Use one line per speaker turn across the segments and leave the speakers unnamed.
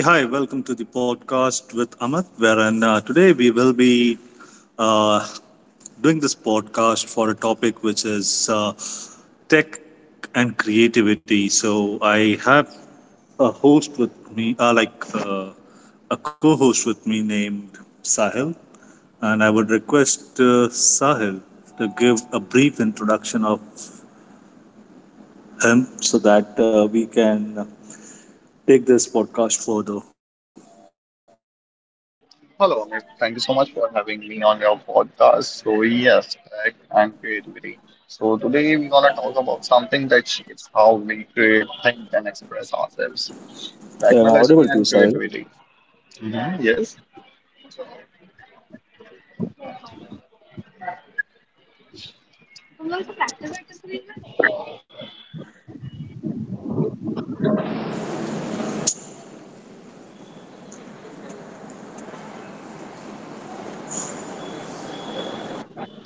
hey, hi. Welcome to the podcast with Amit, wherein today we will be uh, doing this podcast for a topic which is tech and creativity. So I have a host with me, a co host with me named Sahil. And I would request Sahil to give a brief introduction of him so that we can take this podcast further.
Hello, Amit. Thank you so much for having me on your podcast. So, yes, tech and creativity.
I'm
So,
audible to you,
today we're
Sahil.
going to talk about something that shapes how we create, think, and express ourselves, technology and creativity. Mhm. Yes.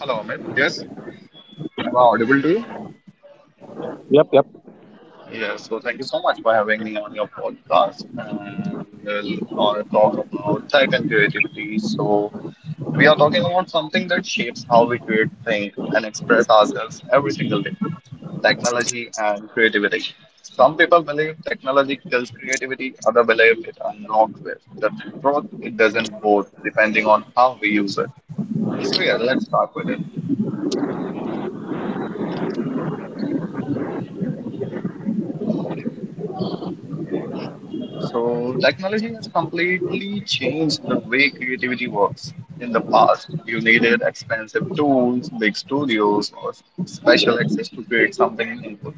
Hello, Amit. Yes. Am I audible to you?
Yep, yep.
Yes. So, thank you so much for having me your podcast. And we'll gonna talk about tech and creativity. So, we are talking about something that shapes how we create, think, and express ourselves every single day. Technology and creativity. Some people believe technology kills creativity, others believe it unlocks it. The truth, it doesn't both, depending on how we use it. So yeah, let's start with it. So technology has completely changed the way creativity works. In the past, you needed expensive tools, big studios, or special access to create something meaningful.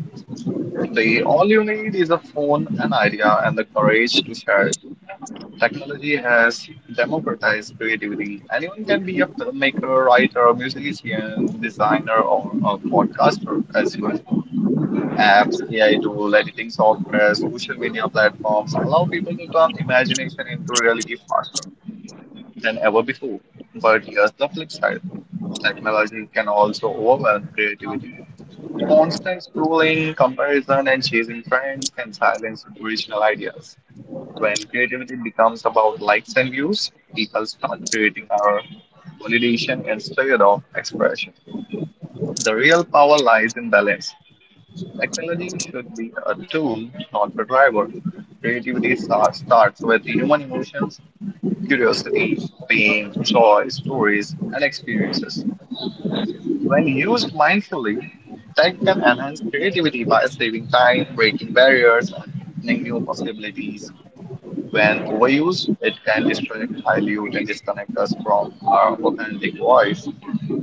Today, all you need is a phone, an idea, and the courage to share it. Technology has democratized creativity. Anyone can be a filmmaker, writer, musician, designer, or a podcaster as well. Apps, AI tool, editing software, social media platforms allow people to turn imagination into reality faster than ever before. But here's the flip side. Technology can also overwhelm creativity. Constant scrolling, comparison, and chasing trends can silence original ideas. When creativity becomes about likes and views, people start creating our validation instead of expression. The real power lies in balance. Technology should be a tool, not the driver. Creativity starts with human emotions, curiosity, pain, joy, stories, and experiences. When used mindfully, tech can enhance creativity by saving time, breaking barriers, and opening new possibilities. When overused, it can distract, dilute, and disconnect us from our authentic voice.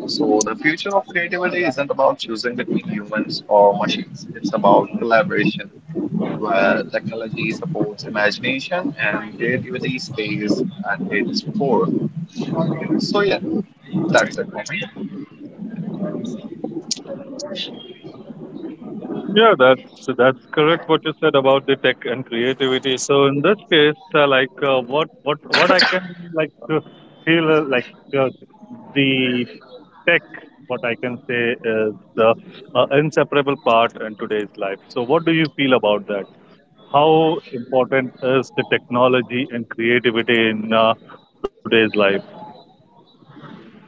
So, the future of creativity isn't about choosing between humans or machines, it's about collaboration, where technology supports imagination and creativity stays at its core. So, yeah, that's it for me.
Yeah, that's correct. What you said about the tech and creativity. So in this case, what I can like feel like uh, the tech. What I can say is the inseparable part in today's life. So what do you feel about that? How important is the technology and creativity in today's life?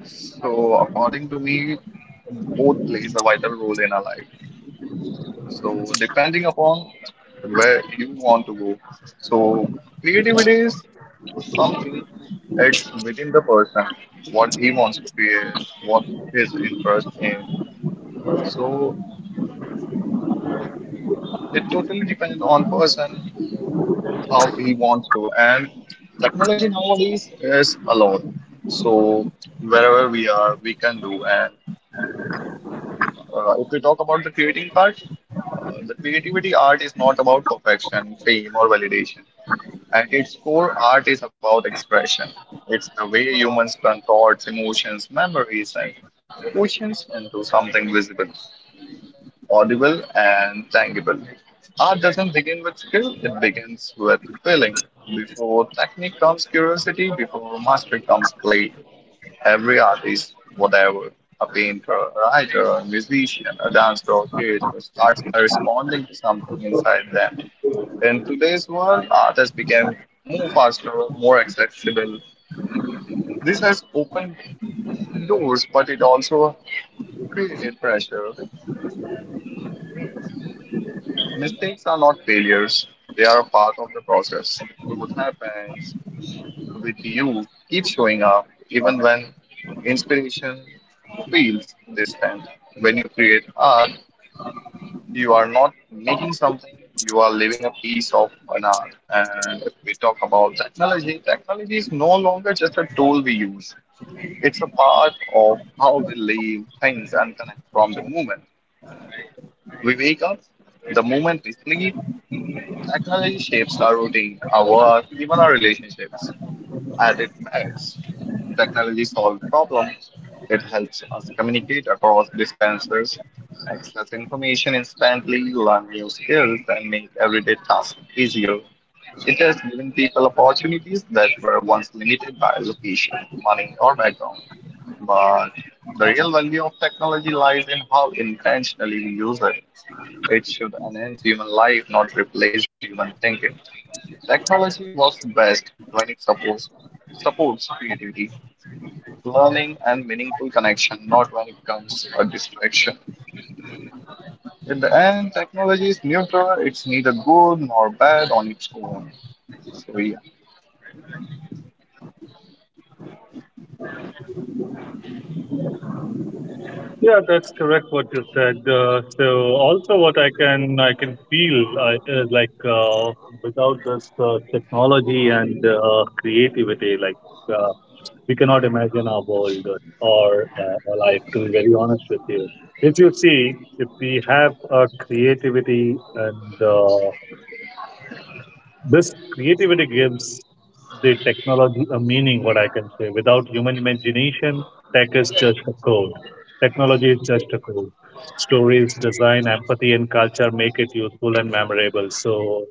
So, according to me, both plays a vital role in our life. So, depending upon where you want to go, so creativity is. Something it's within the person, what he wants to create, what his interest in. So it totally depends on person how he wants to. And technology nowadays is allowed. So wherever we are, we can do. And if we talk about the creating part, the creativity art is not about perfection, fame, or validation. At its core, art is about expression. It's the way humans turn thoughts, emotions, memories, and questions into something visible, audible, and tangible. Art doesn't begin with skill, it begins with feeling. Before technique comes curiosity, before mastery comes play. Every artist, whatever, a painter, a writer, a musician, a dancer, or creator, starts by responding to something inside them. In today's world, art has become more faster, more accessible. This has opened doors, but it also created pressure. Mistakes are not failures, they are a part of the process. Growth happens with you. Keep showing up, even when inspiration feels distant. When you create art, you are not making something, you are living a piece of an art. And if we talk about technology, technology is no longer just a tool we use. It's a part of how we live, things, and connect from the moment we wake up, the moment we sleep. Technology shapes our routine, our work, even our relationships. At its best, technology solves problems. It helps us communicate across distances, access information instantly, learn new skills, and make everyday tasks easier. It has given people opportunities that were once limited by location, money, or background. But the real value of technology lies in how intentionally we use it. It should enhance human life, not replace human thinking. Technology works best when it supports creativity, learning, and meaningful connection, not when it comes a distraction. In the end, technology is neutral, it's neither good nor bad on its own. So, yeah.
Yeah, that's correct what you said. So also what I can feel is without this technology and creativity, uh, we cannot imagine our world or our life. To be very honest with you, if you see, if we have creativity and this creativity gives the technology a meaning, what I can say. Without human imagination, tech is just a code. Technology is just a code. Stories, design, empathy, and culture make it useful and memorable. So,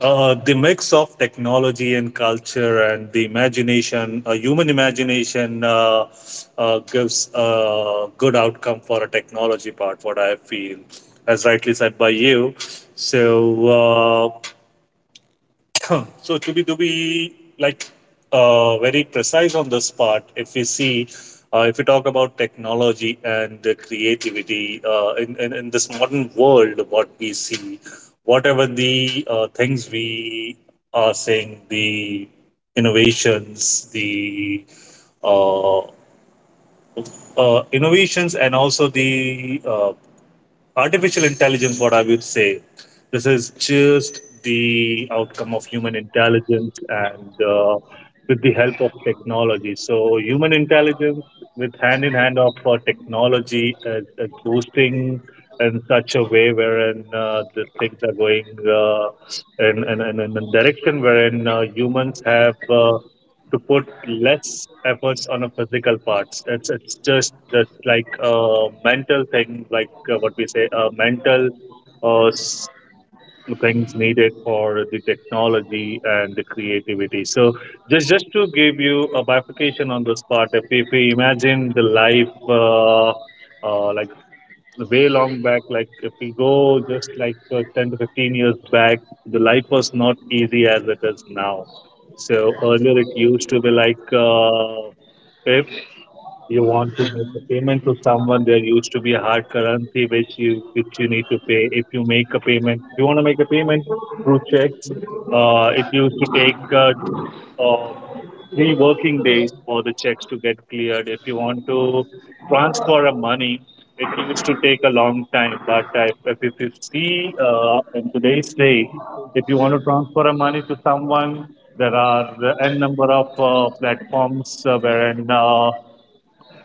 the mix of technology and culture and the imagination, human imagination, gives a good outcome for a technology part, what I feel, as rightly said by you. So, So to be very precise on this part, if we see, if we talk about technology and the creativity in this modern world, what we see, whatever the things we are saying, the innovations, the uh, innovations, and also the uh, artificial intelligence, what I would say, this is just the outcome of human intelligence and with the help of technology. So, human intelligence with hand in hand of technology is boosting in such a way wherein the things are going in a direction wherein humans have. To put less efforts on a physical parts. It's just like a mental thing, what we say, mental uh, s- things needed for the technology and the creativity. So just to give you a bifurcation on this part, if we imagine the life. Uh, like Way long back, like if we go just like 10 to 15 years back, the life was not easy as it is now. So earlier it used to be if you want to make a payment to someone, there used to be a hard currency which you need to pay. If you make a payment, if you want to make a payment through checks, it used to take uh, three working days for the checks to get cleared. If you want to transfer a money, it used to take a long time. But if you see in today's day, if you want to transfer a money to someone, there are n number of platforms wherein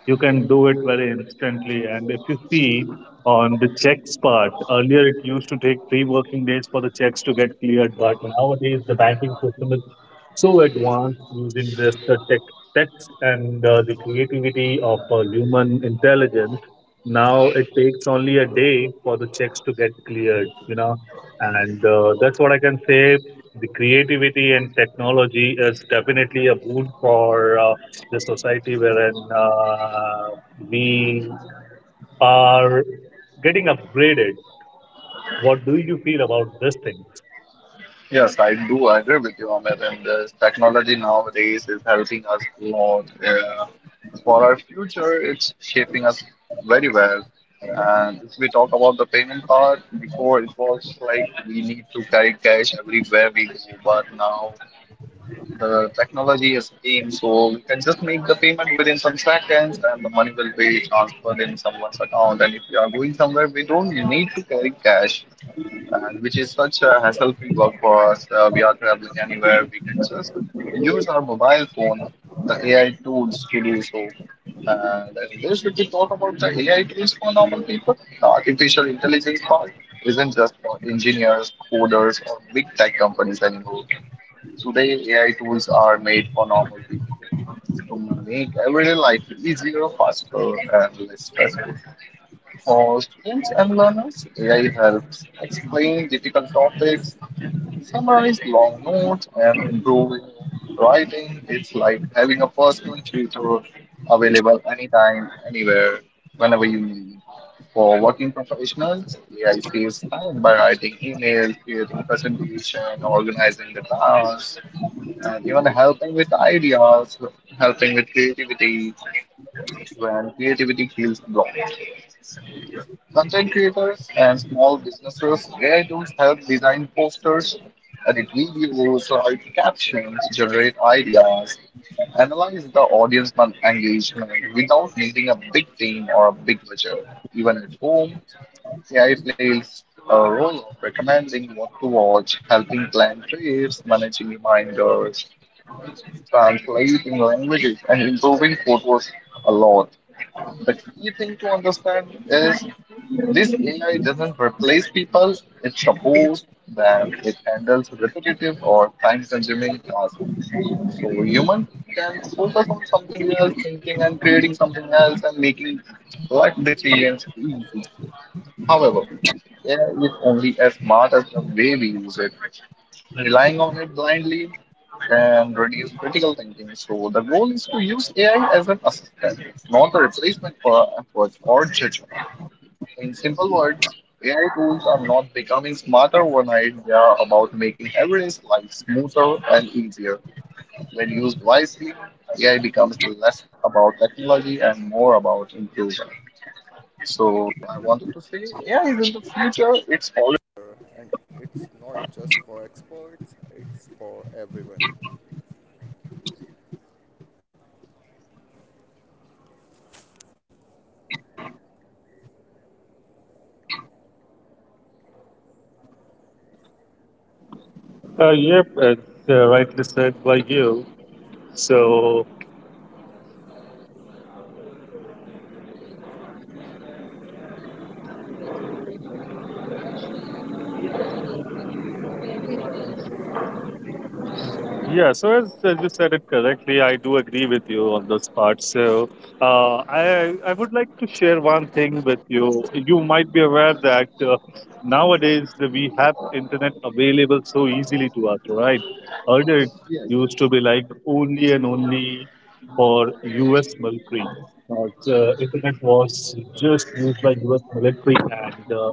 you can do it very instantly. And if you see on the checks part, earlier it used to take three working days for the checks to get cleared, but nowadays the banking system is so advanced using this the tech, text and the creativity of human intelligence. Now it takes only a day for the checks to get cleared, you know, and that's what I can say. The creativity and technology is definitely a boon for. The society wherein we are getting upgraded. What do you feel about these things?
Yes, I do agree with you, Amit. And this technology nowadays is helping us a lot. For our future, it's shaping us very well. And if we talk about the payment part, before it was like we need to carry cash everywhere we go, but now the technology has came, so we can just make the payment within some seconds, and the money will be transferred in someone's account. And if we are going somewhere, we don't need to carry cash and which is such a hassle-free work for us. We are traveling anywhere. We can just use our mobile phone, the AI tools to do so. And in this, if we talk about the AI tools for normal people, the artificial intelligence part isn't just for engineers, coders, or big tech companies anymore. Today, AI tools are made for normal people to make everyday life easier, faster, and less stressful. For students and learners, AI helps explain difficult topics, summarize long notes, and improve writing. It's like having a personal tutor available anytime, anywhere, whenever you need. For working professionals, AI saves time by writing emails, creating presentation, organizing the tasks, and even helping with ideas, helping with creativity when creativity feels blocked. Content creators and small businesses, AI tools help design posters, edit videos, write captions, generate ideas, analyze the audience engagement without needing a big team or a big budget. Even at home, AI plays a role of recommending what to watch, helping plan trips, managing reminders, translating languages, and improving photos a lot. The key thing to understand is this AI doesn't replace people, it supports them, it handles repetitive or time consuming tasks. So human can focus on something else, thinking and creating something else and making life decisions easy. However, AI is only as smart as the way we use it. Relying on it blindly can reduce critical thinking. So the goal is to use AI as an assistant, not a replacement for effort or judgment. In simple words, AI tools are not becoming smarter overnight, they are about making everyday life smoother and easier. When used wisely, AI becomes less about technology and more about improvement. So,
Yep, it's rightly said by you. So yeah, as you said it correctly, I do agree with you on this part. So I would like to share one thing with you. You might be aware that nowadays we have internet available so easily to us, right? Earlier it
yes.
used to be like only and only for U.S. military. So internet was just used by U.S. military, and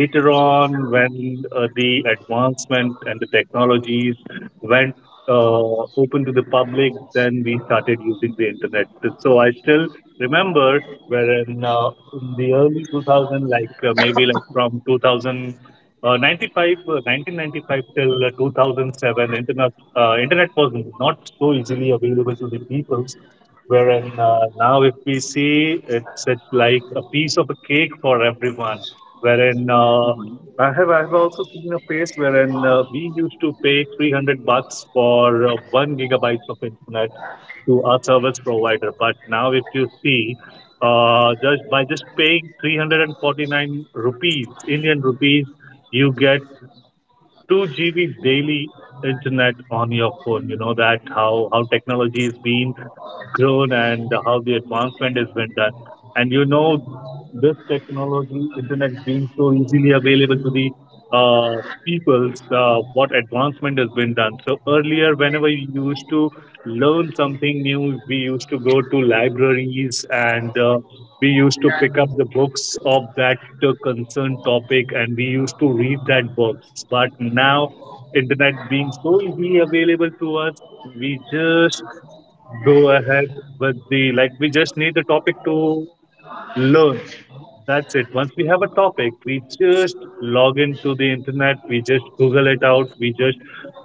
later on when the advancement and the technologies went open to the public, then we started using the internet. So I still remember wherein in the early 2000, maybe like from 2000 uh, 95, 1995 till 2007, internet was not so easily available to the people. Wherein now, if we see, it's like a piece of a cake for everyone wherein uh,
Mhm.
I have I have also seen a place wherein we used to pay 300 bucks for 1 gigabytes of internet to our service provider, but now if you see, just by just paying 349 rupees Indian rupees, you get 2 GB daily internet on your phone. You know that how technology is being grown and how the advancement has been done. And you know this technology, internet being so easily available to the people's, what advancement has been done. So earlier, whenever you used to learn something new, we used to go to libraries and we used to pick up the books of that concerned topic and we used to read that books, but now internet being so easily available to us, we just go ahead with the like we just need the topic to learn. That's it. Once we have a topic, we just log into the internet, we just google it out, we just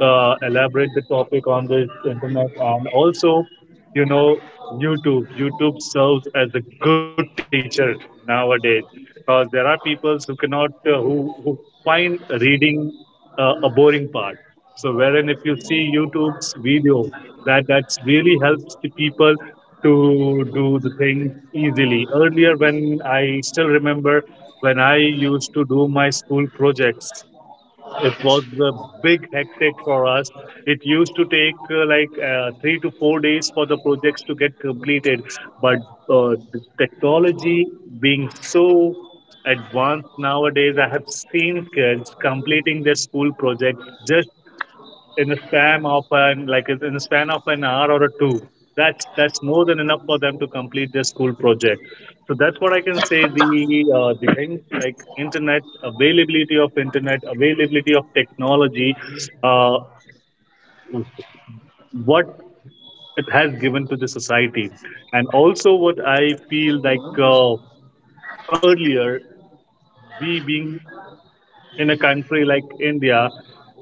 elaborate the topic on the internet. And also, you know, youtube serves as a good teacher nowadays because there are people who cannot who find reading a boring part. So wherein if you see YouTube's video, that that's really helps the people to do the things easily. Earlier, when I still remember, when I used to do my school projects, it was a big hectic for us. It used to take 3 to 4 days for the projects to get completed. But the technology being so advanced nowadays, I have seen kids completing their school projects just in the span of an hour or a two. That's more than enough for them to complete their school project. So that's what I can say, the uh, the in- like internet internet, availability of technology, uh, what it has given to the society. And also what I feel earlier, we being in a country like India,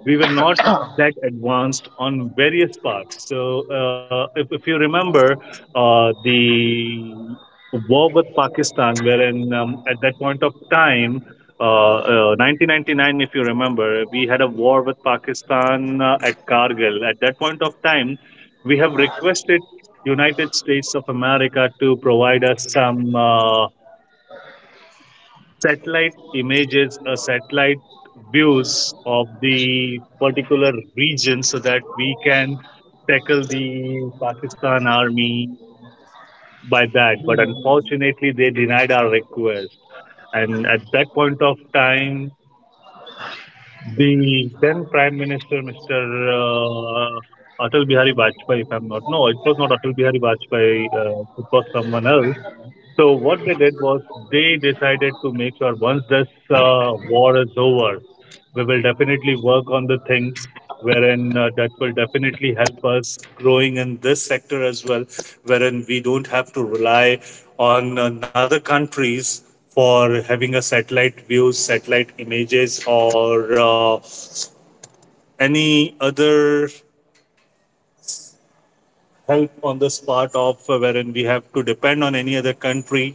we were not that advanced on various parts. So, if you remember, the war with Pakistan, and at that point of time, 1999, if you remember, we had a war with Pakistan at Kargil. At that point of time, we have requested United States of America to provide us some satellite images or satellite views of the particular region so that we can tackle the Pakistan army by that. But unfortunately, they denied our request. And at that point of time, the then Prime Minister, Mr. Atal Bihari Vajpayee, if I'm not, no, it was not Atal Bihari Vajpayee, it was someone else. So what they did was they decided to make sure once this war is over, we will definitely work on the thing wherein that will definitely help us growing in this sector as well, wherein we don't have to rely on another countries for having a satellite views, satellite images, or any other help on this part of wherein we have to depend on any other country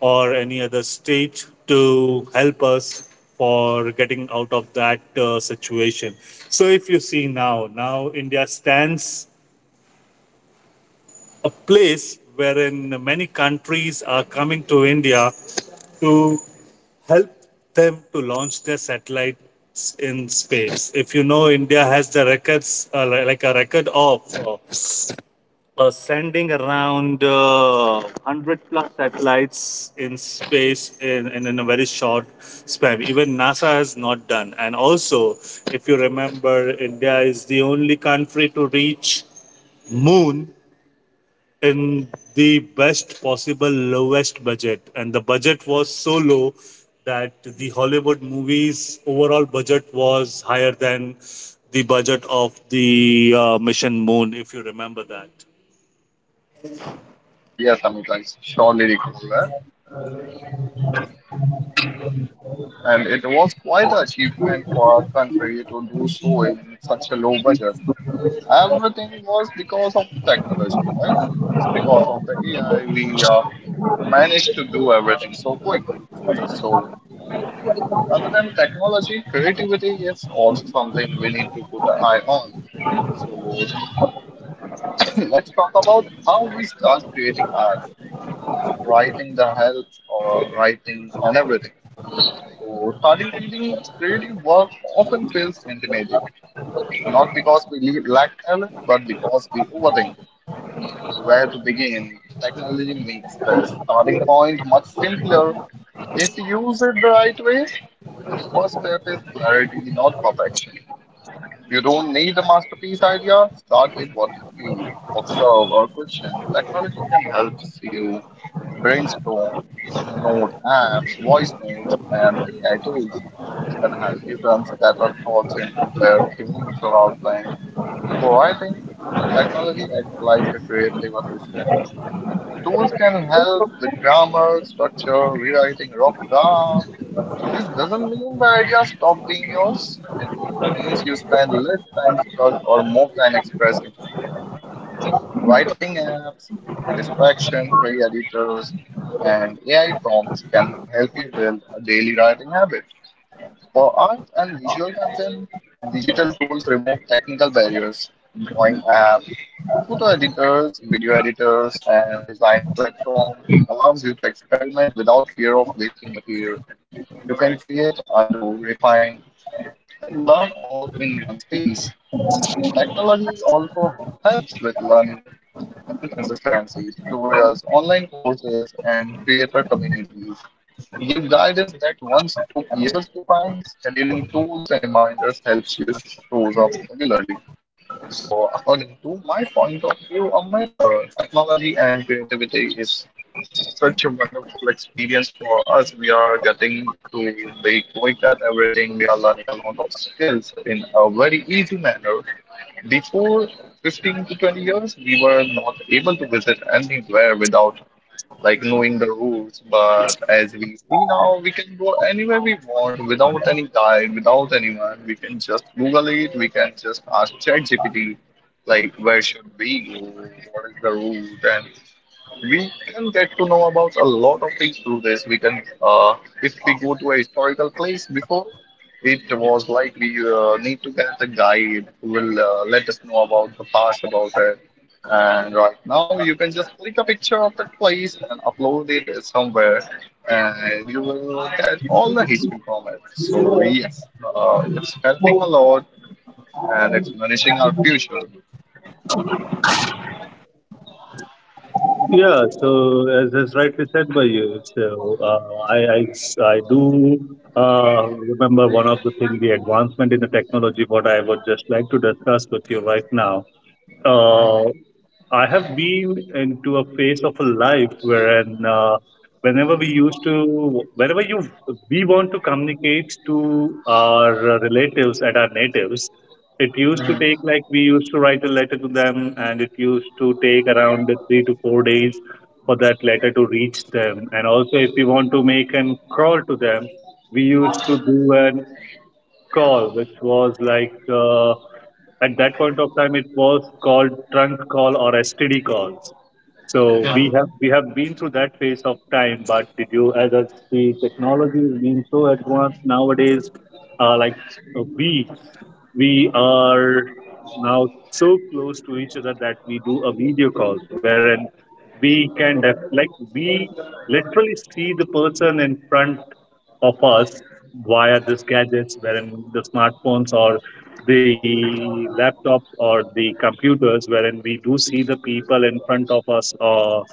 or any other state to help us for getting out of that situation. So if you see now, now India stands a place wherein many countries are coming to India to help them to launch their satellites in space. If you know, India has the records, like a record of sending around 100 plus satellites in space in a very short span. Even NASA has not done. And also, if you remember, India is the only country to reach moon in the best possible lowest budget, and the budget was so low that the hollywood movies overall budget was higher than the budget of the mission moon, if you remember that.
Yes, yes, Amit, I surely recall that. And it was quite an achievement for our country to do so in such a low budget. Everything was because of the technology, right? Because of the AI, we managed to do everything so quick. So, other than technology, creativity is also something we need to put an eye on. So, let's talk about how we start creating art, writing the health or writing and everything. So starting reading creative work often feels intimidating, not because we lack talent, but because we overthink where to begin. Technology makes the starting point much simpler if you use it the right way. The first step is clarity, not perfection. You don't need a masterpiece idea. Start with what you feel, observe, or question. Technology can help you brainstorm. Note apps, voice notes, and AI tools can help you turn scattered thoughts into clear themes or outlines. For writing, technology acts like a creative assistant. Tools can help with grammar, structure, rewriting rough drafts, this doesn't mean the idea stopped being yours. It means you spend less time stuck or more time expressing. Writing apps, distraction free editors, and AI prompts can help you build a daily writing habit. For art and visual content, digital tools remove technical barriers. Drawing apps, photo editors, video editors, and designing platform allows you to experiment without fear of wasting material. You can create, undo, refine, and learn all in one space. Technology also helps with learning and consistency. Tutorials, online courses, and creator communities give guidance that once took years to find. Scheduling tools and reminders helps you shows up regularly. So, according to my point of view, Amit, technology and creativity is a wonderful experience for us. We are getting to be quick at everything. We are learning a lot of skills in a very easy manner. Before 15 to 20 years, we were not able to visit anywhere without like knowing the rules. But as we see now, we can go anywhere we want without any guide, without anyone. We can just Google it. We can just ask ChatGPT, like where should we go? What is the route? And we can get to know about a lot of things through this. We can, if we go to a historical place before, it was like we need to get a guide who will let us know about the past about it. And right now, you can just click a picture of that place and upload it somewhere, and you will get all the history from it. So, yes, it's helping a lot and it's managing our future.
Yeah, so as rightly said by you, so I do remember one of the things, the advancement in the technology, what I would just like to discuss with you right now. uh, I have been into a phase of a life wherein whenever we used to, whenever you we want to communicate to our relatives and our natives, it used to take
Hmm.
like we used to write a letter to them, and it used to take around 3 to 4 days for that letter to reach them. And also, if we want to make an call to them, we used to do an call, which was like at that point of time, it was called trunk call or STD calls. So we have been through that phase of time. But did you, as I see, technology is being so advanced nowadays, like uh, we we are now so close to each other that we do a video calls wherein we can we literally see the person in front of us via these gadgets, wherein the smartphones or the laptops or the computers, wherein we do see the people in front of us or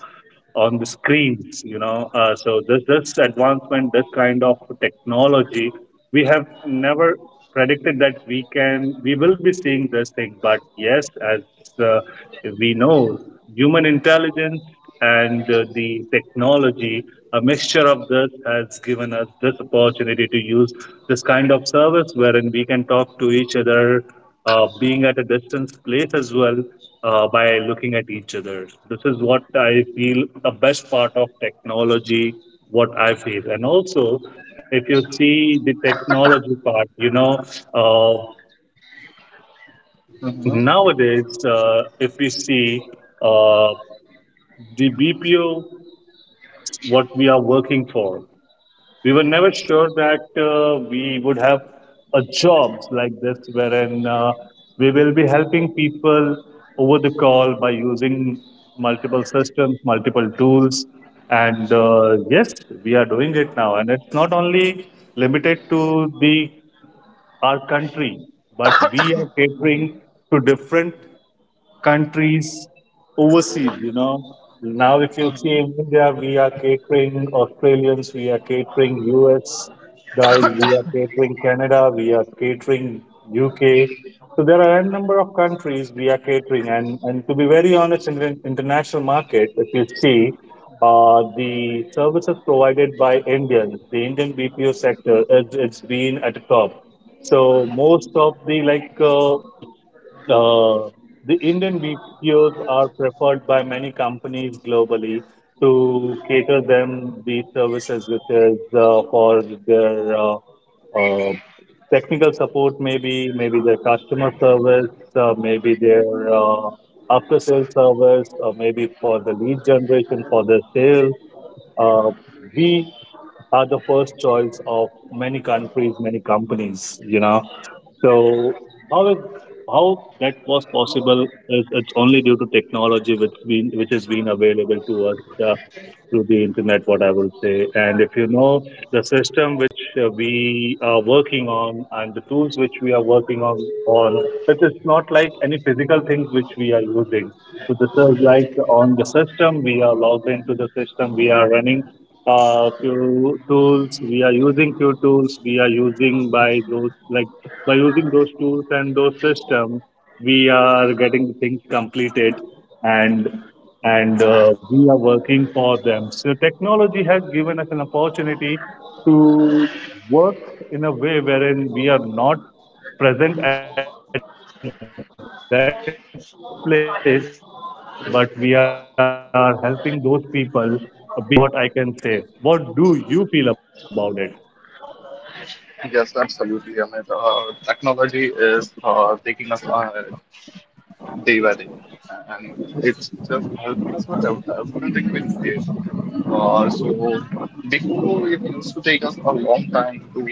on the screens. So this advancement, this kind of technology, we have never predicted that we will be seeing this thing. But yes, as uh, we know human intelligence and the technology, a mixture of this has given us this opportunity to use this kind of service wherein we can talk to each other, being at a distance place as well, by looking at each other. This is what I feel the best part of technology, what I feel. And also, if you see the technology part, uh,
Hmm.
nowadays, if we see uh, the BPO, what we are working for. We were never sure that we would have a jobs like this wherein we will be helping people over the call by using multiple systems multiple tools, and yes, we are doing it now, and it's not only limited to the our country, but we are catering
Hmm.
to different countries overseas, you know. Now, if you see
Hmm.
in India, we are catering Australians, we are catering US guys, we are catering Canada, we are catering UK. So there are a number of countries we are catering. And, to be very honest, in the international market, if you see, the services provided by Indians, the Indian BPO sector, it's been at the top. So most of the uh, the Indian BPOs are preferred by many companies globally to cater them the services, which is for their uh, technical support, maybe their customer service, maybe their uh, after sales service, or maybe for the lead generation for their sales. Uh, we are the first choice of many countries, many companies, you know. So how it, how that was possible is it's only due to technology which has been available to us uh, through the internet, what I will say. And if you know the system which we are working on and the tools which we are working on, it is not like any physical things which we are using. So this is like on the system, we are logged into the system, we are running few tools, we are using few tools, we are using by those, like by using those tools and those systems, we are getting things completed, and and we are working for them. So technology has given us an opportunity to work in a way wherein we are not present at that place, but we are helping those people, being so distant, you know. So this is nothing but a technology, what I can say. What do you feel about it?
Yes, absolutely. I mean, technology is taking us day by day, and it's just helping us with everything we need. So before it used to take us a long time to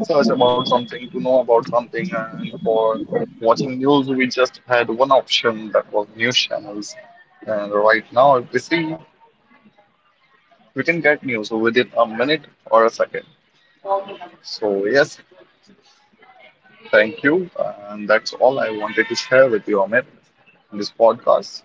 search about something, to know about something, and for watching news, we just had one option that was news channels. And right now, if we see, we can get news within a minute or a second. So yes, thank you, and that's all I wanted to share with you, Amit, in this podcast.